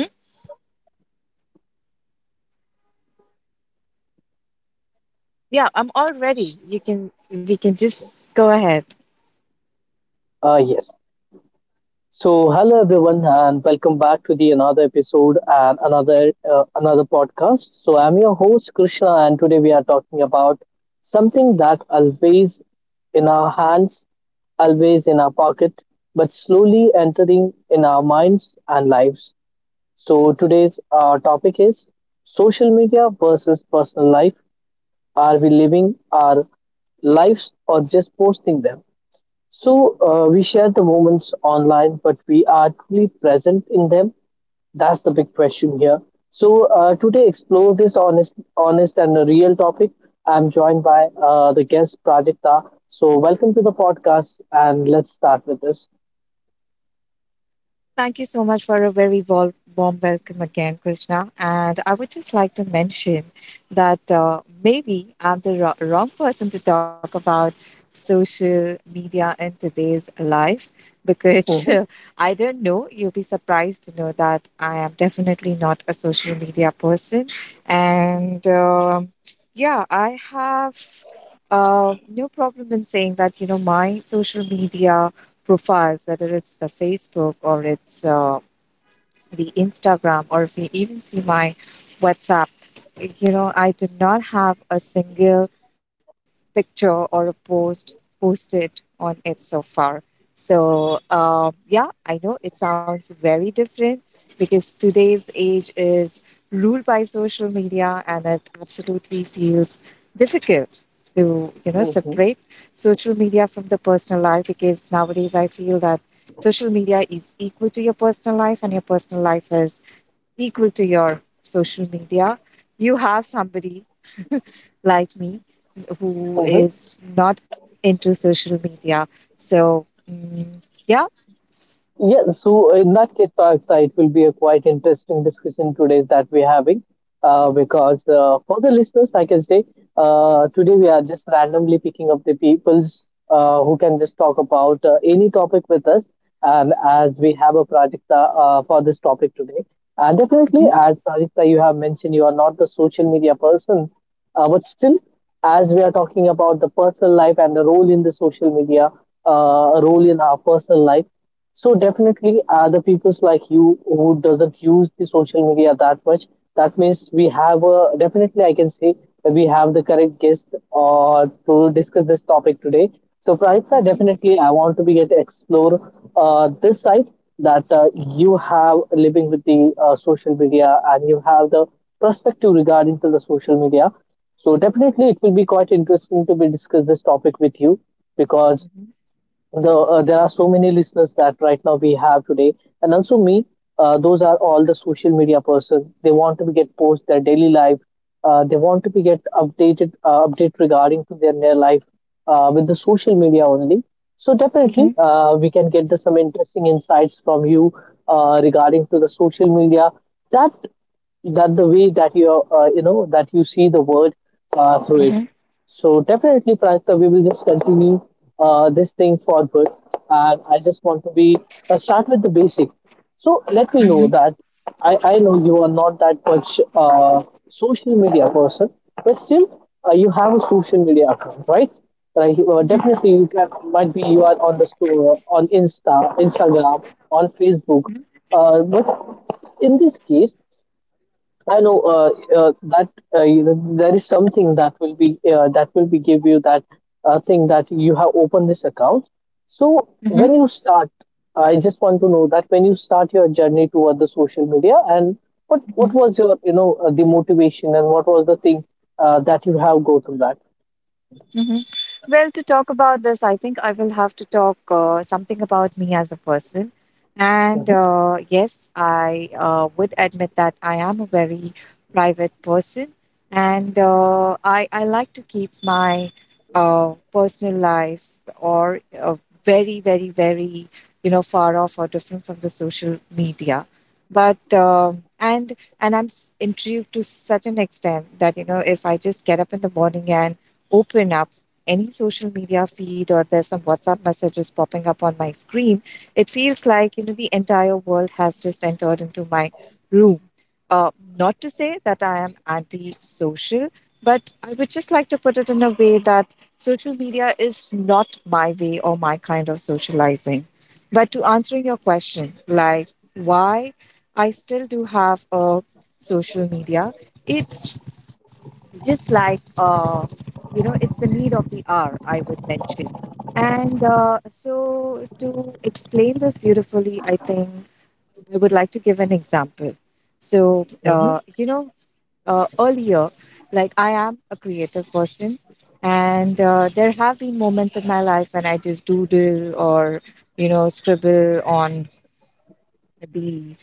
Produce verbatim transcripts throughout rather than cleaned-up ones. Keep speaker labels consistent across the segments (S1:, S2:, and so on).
S1: hmm Yeah, I'm all ready. You can we can just go ahead.
S2: Uh, yes. So, hello everyone, and welcome back to the another episode and another uh, another podcast. So, I'm your host Krishna, and today we are talking about something that always in our hands, always in our pocket, but slowly entering in our minds and lives. So, today's uh, topic is social media versus personal life. Are we living our lives or just posting them? So uh, we share the moments online, but we are truly present in them. That's the big question here. So uh, today, explore this honest, honest and a real topic. I'm joined by uh, the guest Prajakta. So welcome to the podcast, and let's start with this.
S1: Thank you so much for a very warm, warm welcome again, Krishna. And I would just like to mention that uh, maybe I'm the wro- wrong person to talk about social media in today's life because
S2: Mhm,
S1: I don't know. You'll be surprised to know that I am definitely not a social media person. And um yeah, I have uh, no problem in saying that, you know, my social media profiles, whether it's the Facebook or it's uh, the Instagram, or if you even see my WhatsApp, you know, I do not have a single picture or a post posted on it so far. So, um, yeah, I know it sounds very different because today's age is ruled by social media, and it absolutely feels difficult to, you know,
S2: mhm,
S1: separate social media from the personal life, because nowadays I feel that social media is equal to your personal life and your personal life is equal to your social media. You have somebody like me who
S2: mhm.
S1: is not into social media. So, mm, yeah.
S2: Yeah, so in that case, Tarekta, it will be a quite interesting discussion today that we're having. Uh, because uh, for the listeners, I can say uh, today we are just randomly picking up the peoples uh, who can just talk about uh, any topic with us. And as we have a project uh, uh, for this topic today, and definitely,
S1: Mhm.
S2: as Prajakta, you have mentioned, you are not the social media person, uh, but still, as we are talking about the personal life and the role in the social media, uh, role in our personal life. So definitely, uh, the people's like you who doesn't use the social media that much, that means we have a, definitely I can say that we have the correct guest uh, to discuss this topic today. So Praitha,
S1: Mhm.
S2: definitely I want to be get explore uh, this side that uh, you have living with the uh, social media and you have the perspective regarding to the social media. So definitely it will be quite interesting to be discuss this topic with you because
S1: Mhm.
S2: the uh, there are so many listeners that right now we have today and also me uh, those are all the social media person they want to be get post their daily life uh, they want to be get updated uh, update regarding to their, their life uh, with the social media only so definitely
S1: Mhm.
S2: uh, we can get the, some interesting insights from you uh, regarding to the social media that that the way that you uh, you know that you see the world uh, through it.
S1: Mhm.
S2: So definitely, Pranita, we will just continue uh, this thing forward, and I just want to be uh, start with the basic. So let me know
S1: Mhm.
S2: that I I know you are not that much uh, social media person, but still uh, you have a social media account, right? Like uh,
S1: Mhm.
S2: definitely you can might be you are on the store on Insta, Instagram, on Facebook,
S1: Mhm.
S2: uh, but in this case I know uh, uh, that uh, you know, there is something that will be uh, that will be give you that uh, thing that you have opened this account. So
S1: Mhm.
S2: when you start, I just want to know that when you start your journey toward the social media and what what
S1: Mhm.
S2: was your you know uh, the motivation and what was the thing uh, that you have go through that.
S1: hmm Well, to talk about this, I think I will have to talk uh, something about me as a person. And
S2: Mm-hmm.
S1: uh, yes, I uh, would admit that I am a very private person. And uh, I, I like to keep my uh, personal life or uh, very, very, very, you know, far off or different from the social media. But um and and I'm s- intrigued to such an extent that, you know, if I just get up in the morning and open up any social media feed, or there's some WhatsApp messages popping up on my screen, it feels like, you know, the entire world has just entered into my room. Uh, Not to say that I am anti-social, but I would just like to put it in a way that social media is not my way or my kind of socializing. But to answering your question, like why I still do have a social media, it's just like, uh, you know, it's the need of the hour, I would mention. And uh, so to explain this beautifully, I think I would like to give an example. So uh,
S2: Mm-hmm.
S1: you know, uh, earlier, like, I am a creative person, and uh, there have been moments in my life when I just doodle or, you know, scribble on maybe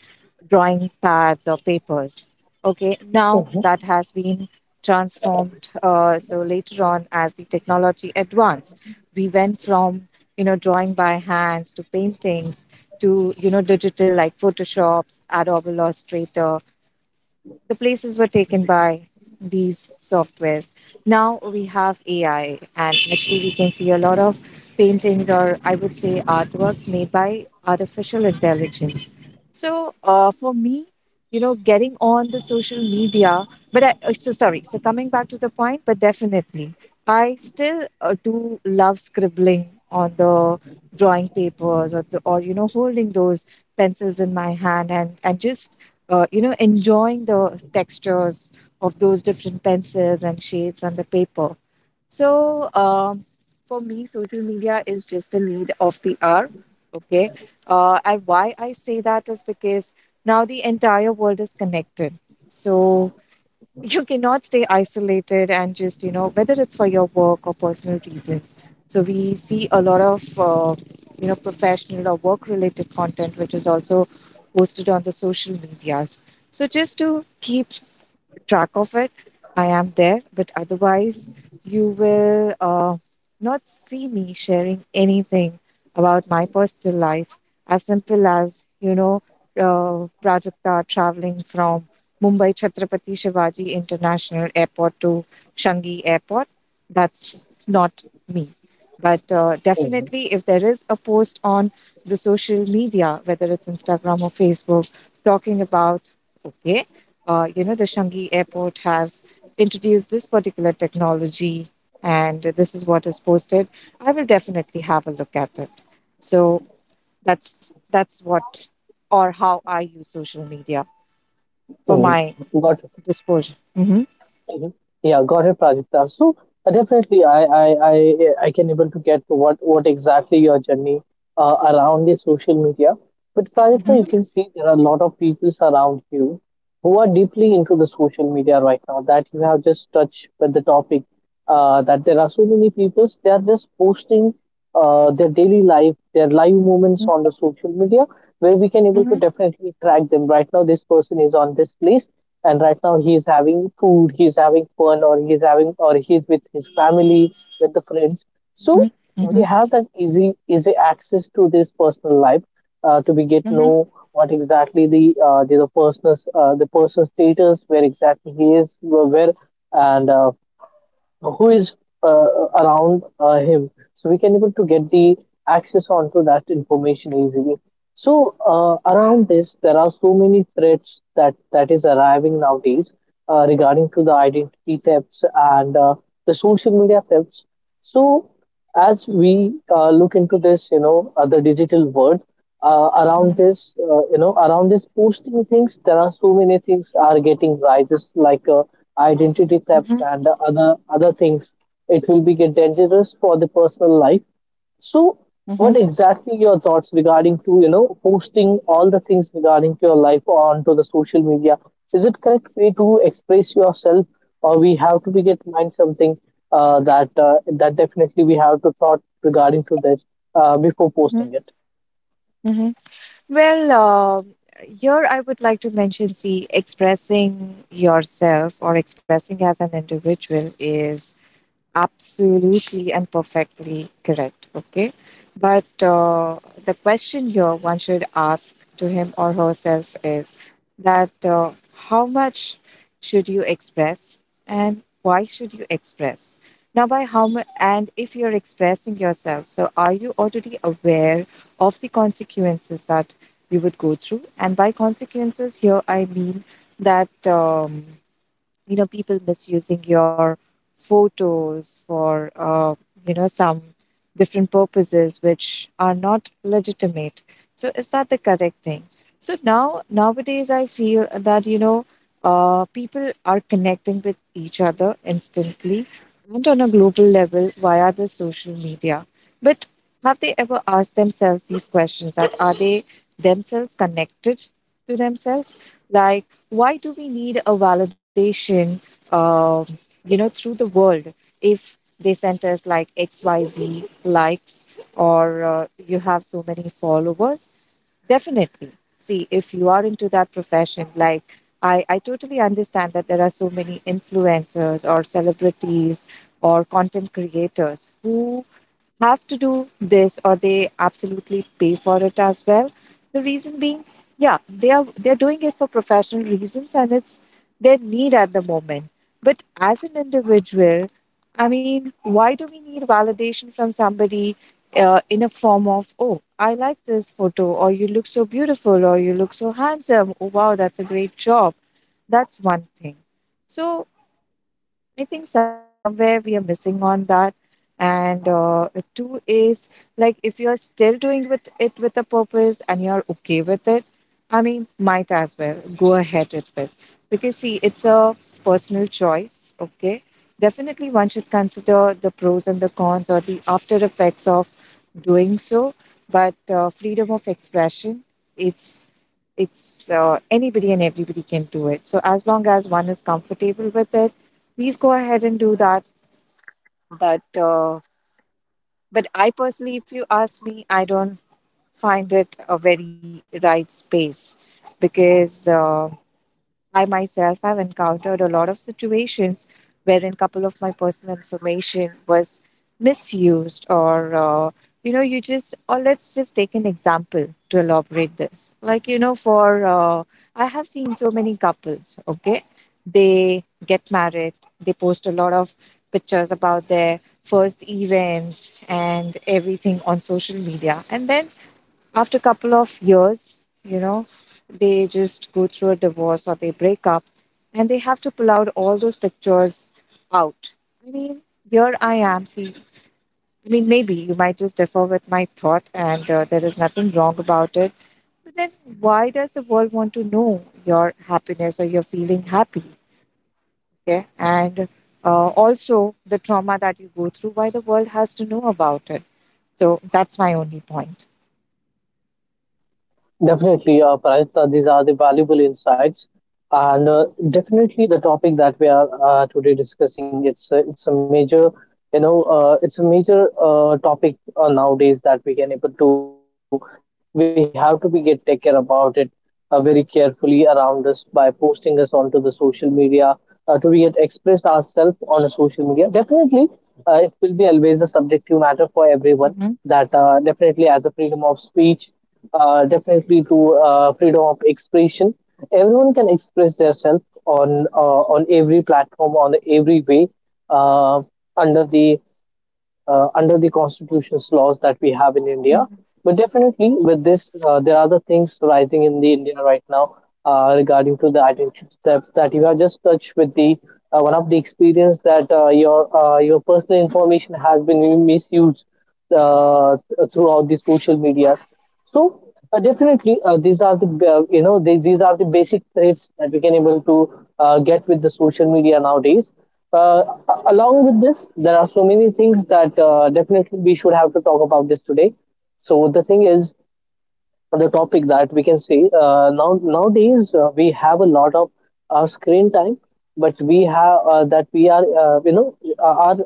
S1: drawing pads or papers. Okay, now
S2: Mm-hmm.
S1: that has been transformed. Uh, so later on, as the technology advanced, we went from, you know, drawing by hands to paintings, to, you know, digital, like Photoshop, Adobe Illustrator. The places were taken by these softwares. Now we have A I, and actually, we can see a lot of paintings, or I would say artworks, made by artificial intelligence. So, uh, for me, you know, getting on the social media. But I, uh, so sorry, so coming back to the point, but definitely, I still uh, do love scribbling on the drawing papers, or, the, or, you know, holding those pencils in my hand and, and just, uh, you know, enjoying the textures of those different pencils and shades on the paper. So, um, for me, social media is just a need of the hour. Okay. Uh, and why I say that is because now the entire world is connected. So, you cannot stay isolated and just, you know, whether it's for your work or personal reasons. So, we see a lot of, uh, you know, professional or work related content, which is also posted on the social medias. So, just to keep track of it. I am there, but otherwise, you will uh, not see me sharing anything about my personal life, as simple as, you know, uh, Prajakta traveling from Mumbai Chhatrapati Shivaji International Airport to Shangi Airport. That's not me. But uh,
S2: Mm-hmm.
S1: definitely, if there is a post on the social media, whether it's Instagram or Facebook, talking about, okay, uh, you know, the Shanghai airport has introduced this particular technology, and this is what is posted, I will definitely have a look at it. So that's that's what or how I use social media for my
S2: Mm-hmm. Got
S1: disposal. Hmm
S2: mhm. Yeah, got it, Prajakta. So uh, definitely, I I I I can able to get what what exactly your journey uh, around the social media. But Prajakta,
S1: hmm
S2: you can see there are a lot of people around you who are deeply into the social media right now. That you have just touched with the topic. Uh, that there are so many people they are just posting uh, their daily life, their live moments
S1: hmm
S2: on the social media, where we can able to
S1: hmm
S2: definitely track them. Right now, this person is on this place and right now he's having food he's having fun or he's having or he's with his family with the friends
S1: hmm
S2: so
S1: hmm
S2: we have that easy easy access to this personal life uh, to be get know what exactly the uh, the, the person's uh, the personal status where exactly he is where where, and uh, who is uh, around uh, him so we can able to get the access onto that information easily so uh, around this there are so many threats that that is arriving nowadays uh, regarding to the identity thefts and uh, the social media thefts so as we uh, look into this you know uh, the digital world uh,
S1: hmm
S2: around this, uh, you know, around this posting things, there are so many things are getting rises like uh, identity thefts
S1: hmm
S2: and other other things. It will be get dangerous for the personal life. So,
S1: hmm
S2: what exactly your thoughts regarding to you know posting all the things regarding to your life onto the social media? Is it correct way to express yourself, or we have to be get mind something uh, that uh, that definitely we have to thought regarding to this uh, before
S1: hmm
S2: posting it?
S1: hmm Well, um here I would like to mention, see, expressing yourself or expressing as an individual is absolutely and perfectly correct. Okay. But uh, the question here one should ask to him or herself is that, uh, how much should you express and why should you express? Now, by how much, and if you're expressing yourself, so are you already aware of the consequences that you would go through? And by consequences, here I mean that. Um, you know, people misusing your photos for, uh, you know, some different purposes which are not legitimate. So is that the correct thing? So now, nowadays, I feel that, you know, uh, people are connecting with each other instantly and on a global level via the social media, but have they ever asked themselves these questions, that are they themselves connected to themselves? Like, why do we need a validation, uh, you know, through the world, if they sent us like X Y Z likes, or uh, you have so many followers. Definitely. See, if you are into that profession, like, I, I totally understand that there are so many influencers or celebrities or content creators who have to do this, or they absolutely pay for it as well, the reason being, yeah, they are they're doing it for professional reasons, and it's their need at the moment. But as an individual, I mean, why do we need validation from somebody uh, in a form of, oh, I like this photo, or you look so beautiful, or you look so handsome, oh, wow, that's a great job? That's one thing. So I think somewhere we are missing on that. And uh, two is, like, if you're still doing with it with a purpose and you're okay with it, I mean, might as well go ahead with it. With. Because see, it's a personal choice, okay? Definitely one should consider the pros and the cons or the after effects of doing so. But uh, freedom of expression, it's it's uh, anybody and everybody can do it. So as long as one is comfortable with it, please go ahead and do that. But uh, but I personally, if you ask me, I don't find it a very right space, because uh, I myself have encountered a lot of situations wherein couple of my personal information was misused. Or uh, you know, you just, or let's just take an example to elaborate this, like, you know, for uh, I have seen so many couples, okay, they get married, they post a lot of pictures about their first events and everything on social media, and then after a couple of years, you know, they just go through a divorce or they break up, and they have to pull out all those pictures out. I mean, here I am. See, I mean, maybe you might just differ with my thought, and uh, there is nothing wrong about it. But then why does the world want to know your happiness, or you're feeling happy? Okay. And uh, also the trauma that you go through, why the world has to know about it. So that's my only point.
S2: Definitely, uh, Pranita, these are the valuable insights, and uh, definitely the topic that we are uh, today discussing. It's a, it's a major you know uh, it's a major uh, topic uh, nowadays that we can able to we have to be get take care about it uh, very carefully around us by posting us onto the social media uh, to be get expressed ourselves on a social media definitely uh, it will be always a subjective matter for everyone
S1: Mhm.
S2: that uh, definitely as a freedom of speech uh, definitely to uh, freedom of expression everyone can express themselves on uh, on every platform on every way uh, under the uh, under the constitution's laws that we have in India. But definitely, with this, uh, there are the things rising in the India right now uh, regarding to the identity theft that you have just touched with the uh, one of the experience that uh, your uh, your personal information has been misused uh, throughout the social media. So uh, definitely, uh, these are the uh, you know they, these are the basic traits that we can able to uh, get with the social media nowadays. Uh, a- along with this, there are so many things that uh, definitely we should have to talk about this today. So the thing is, the topic that we can see uh, now nowadays uh, we have a lot of uh, screen time but we have uh, that we are uh, you know uh, our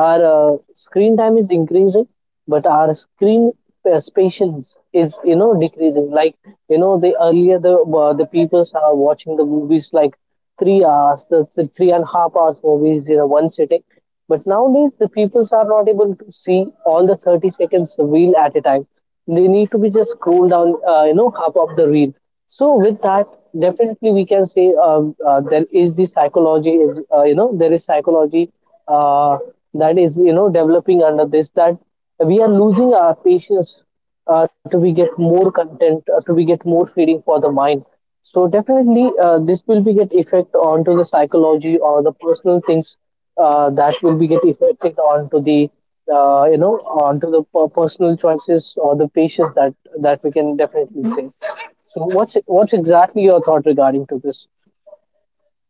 S2: our uh, screen time is increasing but our screen uh, patience is you know decreasing like you know the earlier the uh, the people are watching the movies like three hours, the, the three and a half hours movies in a one sitting. But nowadays, the peoples are not able to see all the thirty seconds reel at a time. They need to be just scroll down, uh, you know, half of the reel. So with that, definitely we can say um, uh, there is the psychology is uh, you know there is psychology uh, that is you know developing under this that we are losing our patience uh, to we get more content, uh, to we get more feeding for the mind. So definitely, uh, this will be get effect onto the psychology or the personal things uh, that will be get affected onto the uh, you know onto the per- personal choices or the patients that that we can definitely say. So what's what's exactly your thought regarding to this?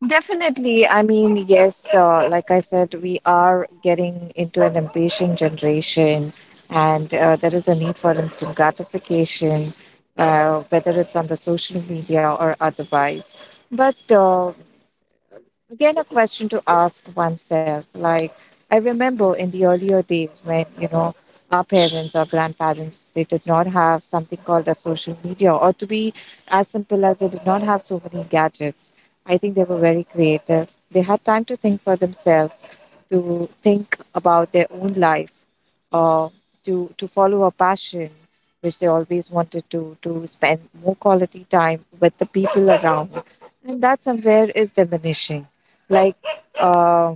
S1: Definitely. I mean, yes, uh, like I said, we are getting into an impatient generation, and uh, there is a need for instant gratification, uh, whether it's on the social media or otherwise. But uh, again, a question to ask oneself. Like, I remember in the earlier days when, you know, our parents or grandparents, they did not have something called a social media, or to be as simple as, they did not have so many gadgets. I think they were very creative. They had time to think for themselves, to think about their own life, uh, to, to follow a passion, which they always wanted to, to spend more quality time with the people around. And that somewhere is diminishing. Like, uh,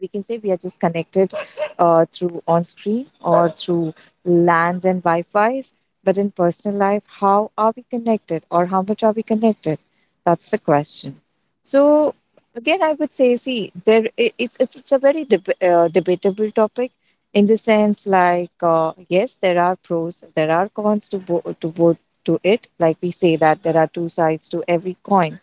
S1: we can say we are just connected uh, through on screen, or through lans and wi-fi's, but in personal life, how are we connected, or how much are we connected? That's the question. So again I would say, see, there it, it's it's it's a very deb- uh, debatable topic, in the sense, like, uh, yes, there are pros, there are cons to bo- to both to it, like we say that there are two sides to every coin.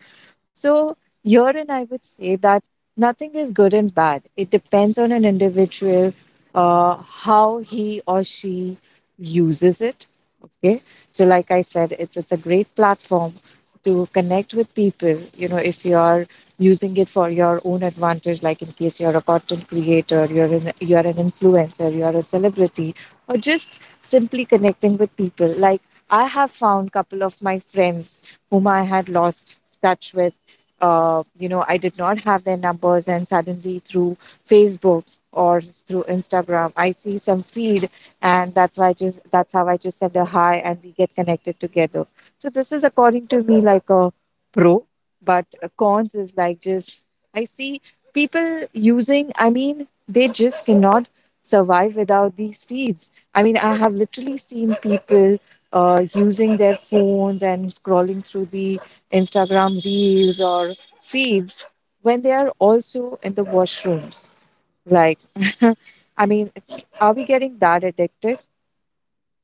S1: So, herein I would say that nothing is good and bad. It depends on an individual, uh, how he or she uses it. Okay. So like I said, it's it's a great platform to connect with people. You know, if you are using it for your own advantage, like in case you're a content creator, you're an you're an influencer, you're a celebrity, or just simply connecting with people. Like I have found couple of my friends whom I had lost touch with. Uh, you know, I did not have their numbers, and suddenly through Facebook or through Instagram, I see some feed and that's why I just that's how I just send a hi and we get connected together. So this is according to me like a pro, but a cons is like just I see people using. I mean, they just cannot survive without these feeds. I mean, I have literally seen people uh, using their phones and scrolling through the Instagram reels or feeds when they are also in the washrooms. Like, I mean, are we getting that addicted?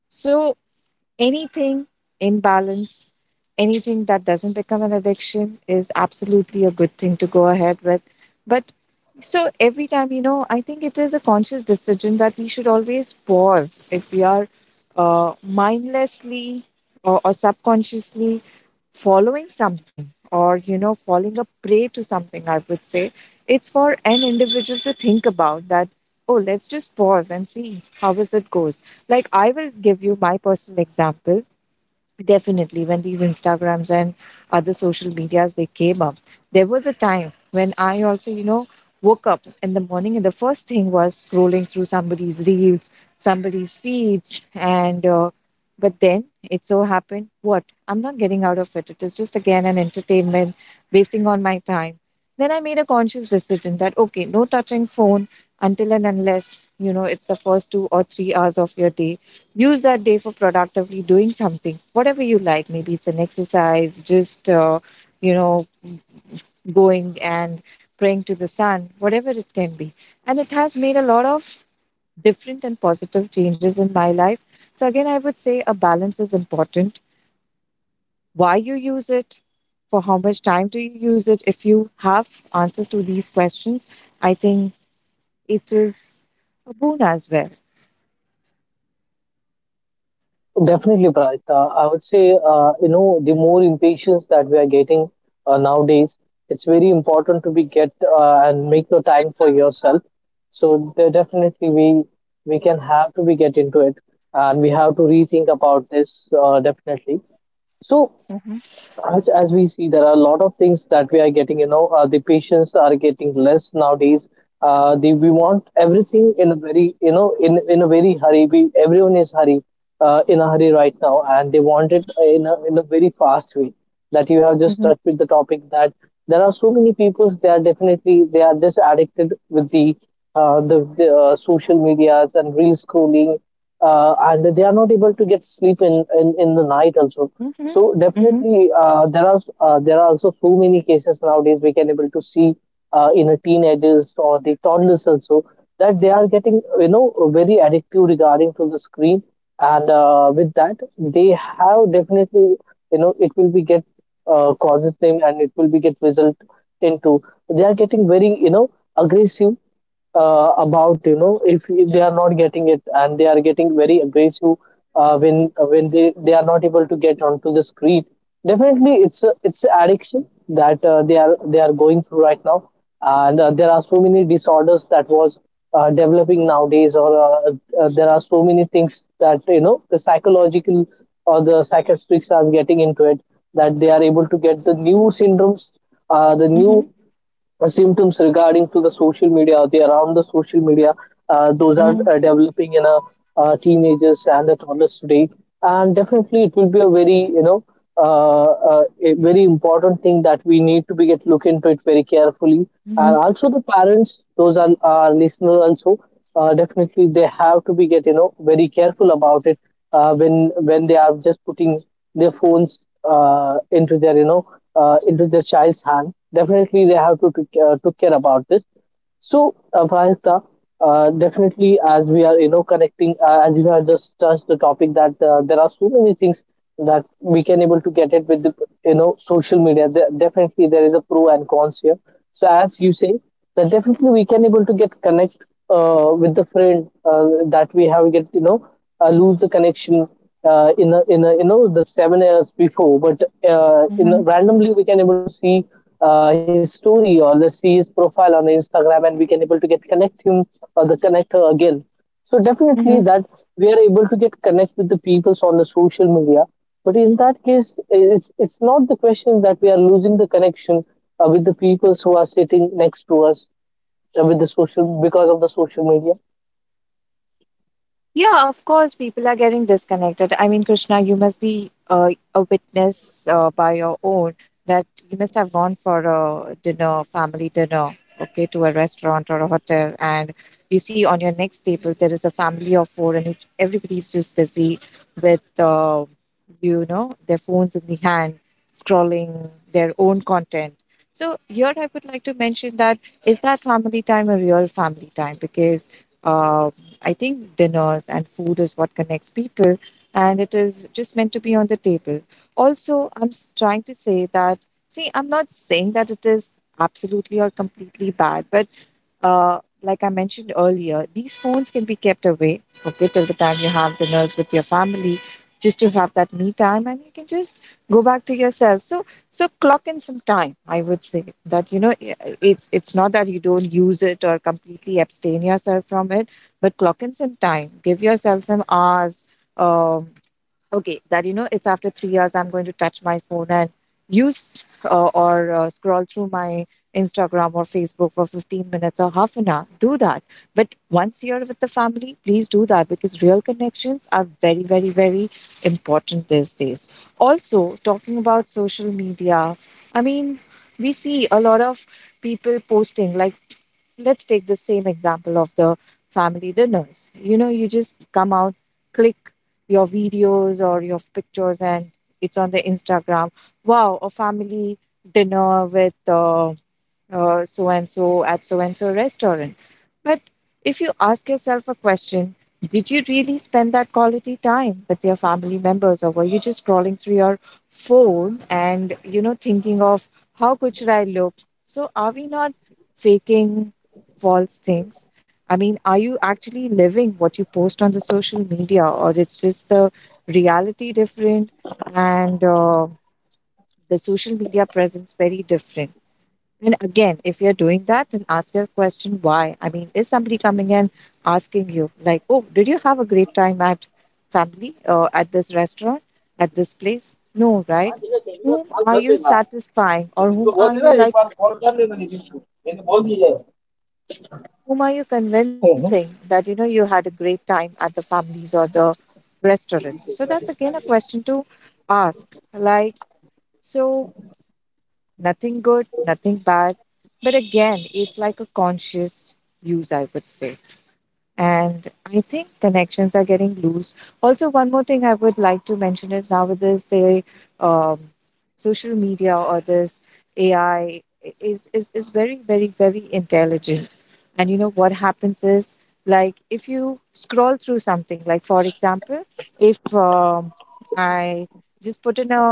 S1: So anything in balance, anything that doesn't become an addiction is absolutely a good thing to go ahead with. But so every time, you know, I think it is a conscious decision that we should always pause if we are uh, mindlessly or, or subconsciously following something or, you know, falling a prey to something, I would say. It's for an individual to think about that, oh, let's just pause and see how is it goes like, I will give you my personal example. Definitely, when these Instagrams and other social medias they came up, there was a time when I also, you know, woke up in the morning and the first thing was scrolling through somebody's reels, somebody's feeds, and uh, but then it so happened what I'm not getting out of it. It is just again an entertainment, wasting on my time. Then I made a conscious decision that okay, no touching phone until and unless you know it's the first two or three hours of your day, use that day for productively doing something whatever you like, maybe it's an exercise, just uh, you know going and praying to the sun, whatever it can be. And it has made a lot of different and positive changes in my life. So again I would say a balance is important. Why you use it, for how much time do you use it? If you have answers to these questions, I think it is a boon as well.
S2: Definitely, Praj. Uh, I would say, uh, you know, the more impatience that we are getting uh, nowadays, it's very important to be get uh, and make the time for yourself. So there definitely we we can have to be get into it, and we have to rethink about this uh, definitely. So
S1: Hmm.
S2: as, as we see there are a lot of things that we are getting you know uh, the patients are getting less nowadays. Uh, the, we want everything in a very you know in in a very hurry, we everyone is hurry, uh, in a hurry right now, and they want it in a, in a very fast way that you have just
S1: Hmm.
S2: touched with the topic. That there are so many people, they are definitely they are just addicted with the uh, the, the uh, social medias and real scrolling, uh, and they are not able to get sleep in, in, in the night also. So
S1: Hmm.
S2: definitely, uh, there are uh, there are also so many cases nowadays we can able to see, uh, in a teenagers or the toddlers also, that they are getting you know very addictive regarding to the screen, and uh, with that they have definitely you know it will be get, uh, causes them, and it will be get result into they are getting very you know aggressive uh, about you know if they are not getting it, and they are getting very aggressive uh, when uh, when they, they are not able to get onto the street. Definitely it's a, it's a addiction that uh, they are they are going through right now, and uh, there are so many disorders that was uh, developing nowadays, or uh, uh, there are so many things that you know the psychological or the psychiatrists are getting into it, that they are able to get the new syndromes, uh, the
S1: Hmm.
S2: new uh, symptoms regarding to the social media or the around the social media. Uh, those are
S1: Hmm.
S2: uh, developing in a uh, teenagers and the toddlers today, and definitely it will be a very you know uh, uh, a very important thing that we need to be get look into it very carefully. And also, the parents, those are our listeners also, uh, definitely they have to be get you know very careful about it uh, when when they are just putting their phones, uh, into their you know uh, into their child's hand. Definitely they have to take, uh, took care about this. So, Avansa, uh, definitely, as we are, you know, connecting, uh, as you have just touched the topic that uh, there are so many things that we can able to get it with the, you know, social media. There, definitely, there is a pro and cons here. So, as you say, that definitely we can able to get connect uh, with the friend uh, that we have get, you know, uh, lose the connection uh, in a, in a, you know, the seven years before, but uh, in
S1: Mm-hmm.
S2: a, randomly we can able to see uh, his story or the see his profile on the Instagram, and we can able to get connect him or the connect her again. So definitely
S1: Mm-hmm.
S2: that we are able to get connect with the peoples on the social media. But in that case, it's it's not the question that we are losing the connection uh, with the peoples who are sitting next to us uh, with the social because of the social media.
S1: Yeah, of course, people are getting disconnected. I mean, Krishna, you must be uh, a witness uh, by your own that you must have gone for a dinner, family dinner, okay, to a restaurant or a hotel, and you see on your next table there is a family of four, and each, everybody is just busy with, uh, you know, their phones in the hand, scrolling their own content. So here I would like to mention that is that family time a real family time because. Uh, I think dinners and food is what connects people, and it is just meant to be on the table. Also, I'm s- trying to say that, see, I'm not saying that it is absolutely or completely bad, but uh, like I mentioned earlier, these phones can be kept away, okay, till the time you have dinners with your family, just to have that me time, and you can just go back to yourself. So, so clock in some time. I would say that you know, i- it's it's not that you don't use it or completely abstain yourself from it, but clock in some time. Give yourself some hours. Um, okay, that you know, it's after three years I'm going to touch my phone and use uh, or uh, scroll through my Instagram or Facebook for fifteen minutes or half an hour, do that. But once you're with the family, please do that, because real connections are very, very, very important these days. Also, talking about social media, I mean, we see a lot of people posting, like, let's take the same example of the family dinners. You know, you just come out, click your videos or your pictures, and it's on the Instagram. Wow, a family dinner with uh, uh, so and so at so and so restaurant. But if you ask yourself a question, did you really spend that quality time with your family members, or were you just scrolling through your phone and you know thinking of how good should I look? So are we not faking false things? I mean, are you actually living what you post on the social media, or it's just the reality different and uh, the social media presence very different? And again, if you're doing that, then ask your question why. I mean, is somebody coming and asking you, like, oh, did you have a great time at family or at this restaurant, at this place? No, right? Whom are you satisfying or whom are you like, whom are you convincing that, you know, you had a great time at the families or the restaurants? So that's again a question to ask. Like, so nothing good, nothing bad. But again, it's like a conscious use, I would say. And I think connections are getting loose. Also, one more thing I would like to mention is now with this the um, social media or this A I is is is very, very, very intelligent, and you know what happens is, like, if you scroll through something, like for example, if um, I just put in a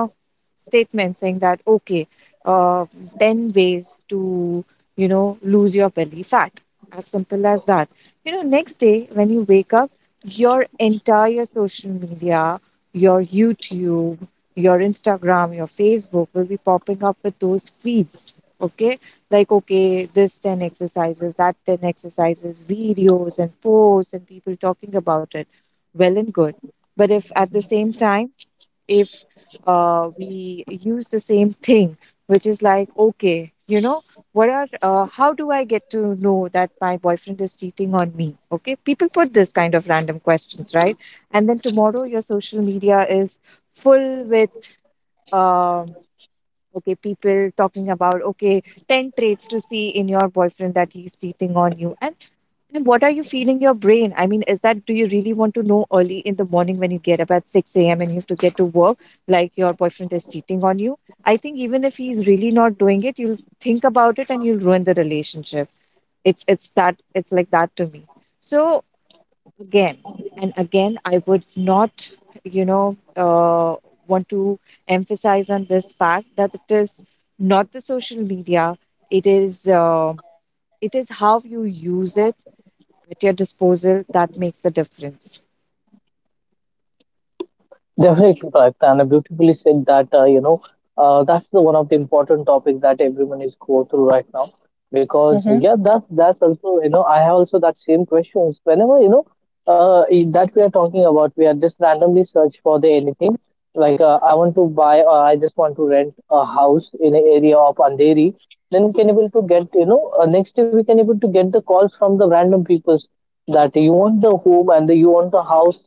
S1: statement saying that, okay, uh, ten ways to, you know, lose your belly fat. As simple as that. You know, next day when you wake up, your entire social media, your YouTube, your Instagram, your Facebook will be popping up with those feeds. Okay. Like, okay, this ten exercises, that ten exercises, videos and posts and people talking about it. Well and good. But if at the same time, if uh, we use the same thing, which is like, okay, you know, what are, uh, how do I get to know that my boyfriend is cheating on me? Okay. People put this kind of random questions, right? And then tomorrow your social media is full with, um, okay, people talking about, okay, ten traits to see in your boyfriend that he's cheating on you. And and what are you feeding your brain? I mean, is that, do you really want to know early in the morning when you get up at six a m and you have to get to work, like your boyfriend is cheating on you? I think even if he's really not doing it, you'll think about it and you'll ruin the relationship. It's it's that it's like that to me. So again and again, I would not, you know, uh, want to emphasize on this fact that it is not the social media. It is uh, it is how you use it at your disposal that makes the difference.
S2: Definitely correct, and beautifully said that uh, you know uh, that's the one of the important topics that everyone is go through right now, because
S1: Mm-hmm.
S2: yeah, that that's also you know I have also that same questions whenever you know uh, i- that we are talking about. We are just randomly search for the anything, like uh, I want to buy, or I just want to rent a house in an area of Andheri. Then we can able to get you know uh, next day we can able to get the calls from the random peoples, that you want the home and the, you want the house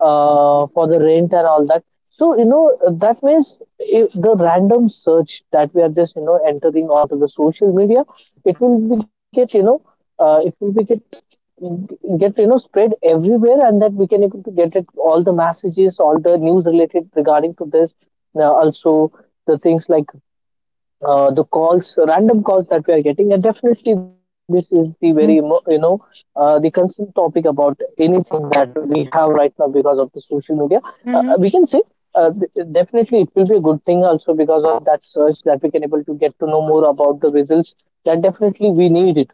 S2: uh, for the rent and all that. So, you know that means, if the random search that we are just you know entering onto the social media, it will be get you know uh, it will be get get you know spread everywhere, and that we can able to get it all the messages, all the news related regarding to this. Now also, the things like, uh, the calls, random calls that we are getting, and definitely this is the very mo-
S1: Mm-hmm.
S2: you know uh, the concern topic about anything that we have right now because of the social media. Uh, uh, we
S1: Mhm.
S2: can say, uh, th- definitely it will be a good thing also because of that search, that we can able to get to know more about the results. That definitely we need it.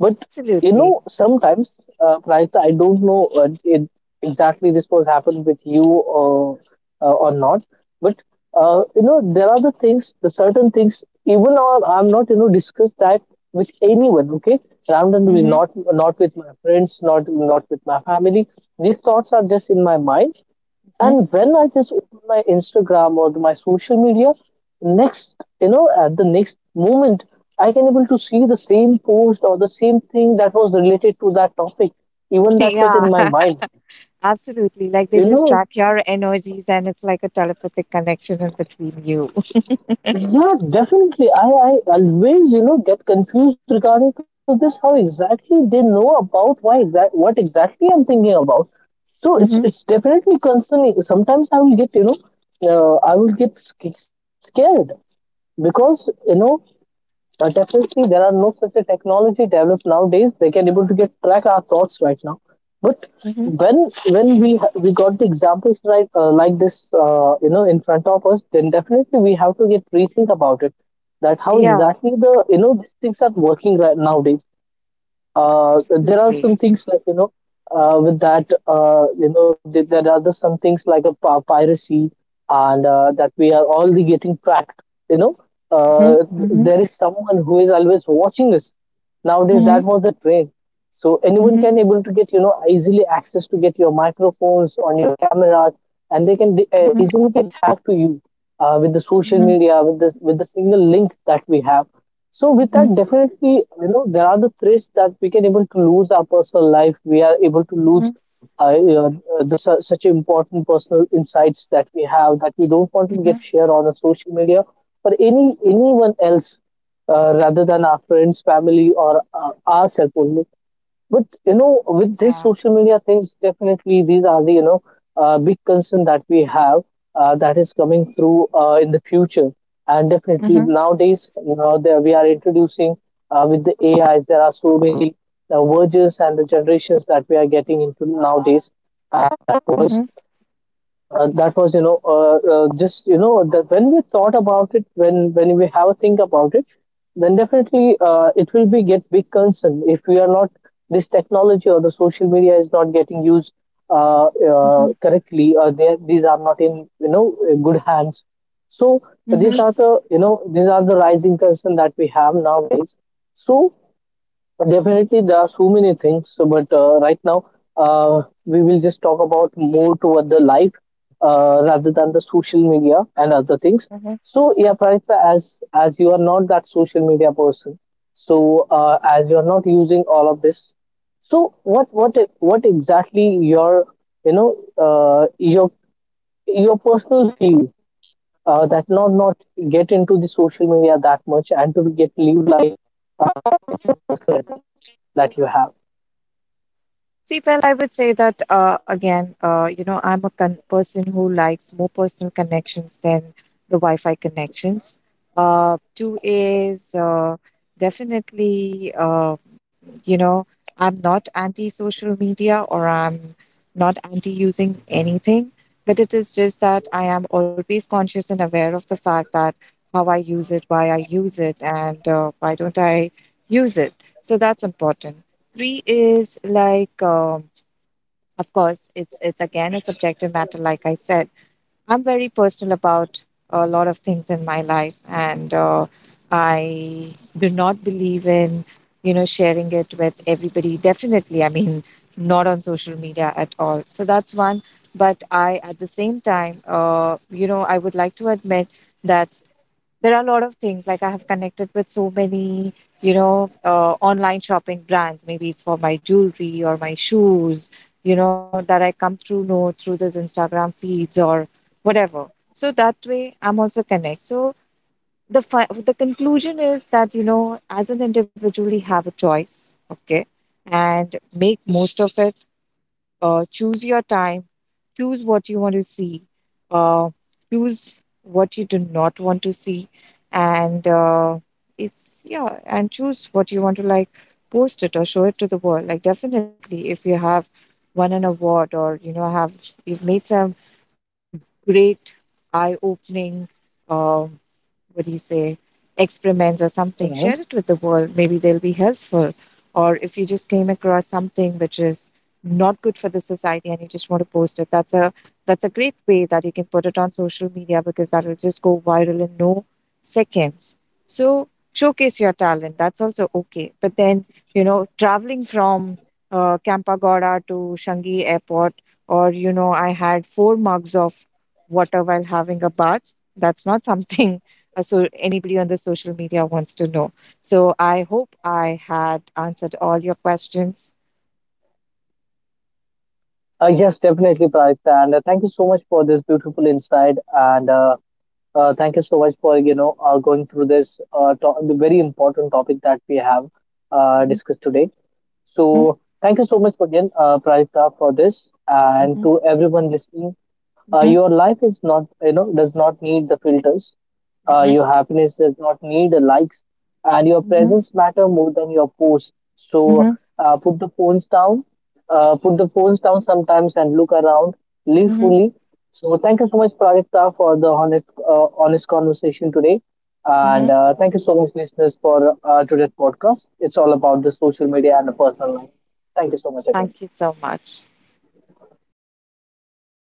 S2: But you
S1: Absolutely.
S2: know, sometimes, uh, Pranita, I don't know, uh, it, exactly this was happened with you or uh, or not. But uh, you know, there are the things, the certain things. Even or I'm not, you know, discuss that with anyone. Okay, around and with-
S1: Mm-hmm.
S2: not not with my friends, not not with my family. These thoughts are just in my mind,
S1: Mm-hmm.
S2: and when I just open my Instagram or my social media, next, you know, at the next moment, I can able to see the same post or the same thing that was related to that topic, even that
S1: Yeah,
S2: was in my mind.
S1: absolutely. Like they just
S2: You
S1: track
S2: know,
S1: your energies and it's like a telepathic connection in between you.
S2: yeah, definitely. I, I always, you know, get confused regarding to this, how exactly they know about why exact what exactly I'm thinking about. So
S1: Mm-hmm.
S2: it's it's definitely concerning. Sometimes I will get, you know, uh, I will get sc- scared, because you know But definitely, there are no such a technology developed nowadays. They can able to get track our thoughts right now. But
S1: Mm-hmm.
S2: when when we ha- we got the examples right, uh, like this, uh, you know, in front of us, then definitely we have to get rethink about it. That how
S1: Yeah,
S2: exactly the you know these things are working right nowadays. Uh, there are
S1: absolutely.
S2: some things like, you know uh, with that, uh, you know th- there are the some things like a pi- piracy, and uh, that we are all the getting tracked, you know
S1: Mm-hmm.
S2: uh,
S1: Mm-hmm.
S2: there is someone who is always watching us nowadays.
S1: Mm-hmm.
S2: That was the trend. So anyone
S1: Mm-hmm.
S2: can able to get you know easily access to get your microphones on your cameras, and they can uh,
S1: Mm-hmm.
S2: easily get hacked to you uh, with the social media, with this with the single link that we have. So with
S1: Mm-hmm.
S2: that, definitely, you know, there are the threats that we can able to lose our personal life. We are able to lose
S1: Mm-hmm.
S2: uh, you know, uh, the, su- such important personal insights that we have, that we don't want to get
S1: Mm-hmm.
S2: shared on a social media or any anyone else, uh, rather than our friends, family, or uh, ourselves only. But you know, with
S1: Yeah.
S2: this social media things, definitely these are the you know uh, big concern that we have uh, that is coming through uh, in the future. And definitely
S1: Mm-hmm.
S2: nowadays, you know, there we are introducing uh, with the A Is. There are so many uh, versions and the generations that we are getting into nowadays. Uh,
S1: Mm-hmm.
S2: uh, that was, you know, uh, uh, just you know, that when we thought about it, when when we have a think about it, then definitely uh, it will be get big concern if we are not this technology, or the social media is not getting used uh, uh,
S1: Mm-hmm.
S2: correctly, or they, these are not in you know good hands. So these are the you know these are the rising concern that we have nowadays. So definitely, there are so many things, so, but uh, right now uh, we will just talk about more toward the life, uh, rather than the social media and other things.
S1: Mm-hmm.
S2: So, yeah, Pranita, as as you are not that social media person, so uh, as you are not using all of this, so what what what exactly your you know uh, your your personal feel, uh, that not not get into the social media that much, and to get live life, uh, personal touch that you have.
S1: See, well, I would say that uh, again, uh, you know, I'm a con- person who likes more personal connections than the Wi-Fi connections. Uh, two is uh, definitely, uh, you know, I'm not anti-social media or I'm not anti-using anything, but it is just that I am always conscious and aware of the fact that how I use it, why I use it, and uh, why don't I use it. So that's important. Three is like. Um, of course, it's it's again a subjective matter. Like I said, I'm very personal about a lot of things in my life, and uh, I do not believe in you know sharing it with everybody. Definitely, I mean, not on social media at all. So that's one. But I, at the same time, uh, you know, I would like to admit that there are a lot of things, like I have connected with so many you know uh, online shopping brands, maybe it's for my jewelry or my shoes, you know, that I come through know through those Instagram feeds or whatever. So that way I'm also connect. So the fi- the conclusion is that, you know, as an individual we have a choice, okay, and make most of it. Uh, choose your time, choose what you want to see, uh, choose what you do not want to see, and uh, it's, yeah, and choose what you want to like, post it or show it to the world. Like, definitely, if you have won an award or you know have you've made some great eye-opening. Um, what do you say, experiments or something,
S2: Mhm.
S1: share it with the world, maybe they'll be helpful. Or if you just came across something which is not good for the society and you just want to post it, that's a that's a great way that you can put it on social media, because that will just go viral in no seconds. So showcase your talent, that's also okay, but then, you know, traveling from uh, Kampagoda to Shangi airport, or you know, I had four mugs of water while having a bath, that's not something uh, so anybody on the social media wants to know. So I hope I had answered all your questions.
S2: Uh, yes, definitely, Pradipta. And uh, thank you so much for this beautiful insight. And uh, Uh, thank you so much for you know uh, going through this, uh, to- the very important topic that we have uh,
S1: Mhm,
S2: discussed today. So
S1: mhm,
S2: thank you so much again, uh, Prajita, for this, and to
S1: mhm,
S2: everyone listening. Uh,
S1: mhm,
S2: your life is not you know does not need the filters. Uh,
S1: mhm,
S2: your happiness does not need the likes, and your
S1: mhm,
S2: presence matter more than your post. So
S1: mhm,
S2: uh, put the phones down. Uh, put the phones down sometimes and look around. Live
S1: mhm,
S2: fully. So thank you so much, Prajakta, for the honest, uh, honest conversation today, and
S1: mhm.
S2: uh, thank you so much, listeners, for uh, today's podcast. It's all about the social media and the personal life. Thank you so much again.
S1: Thank you so much.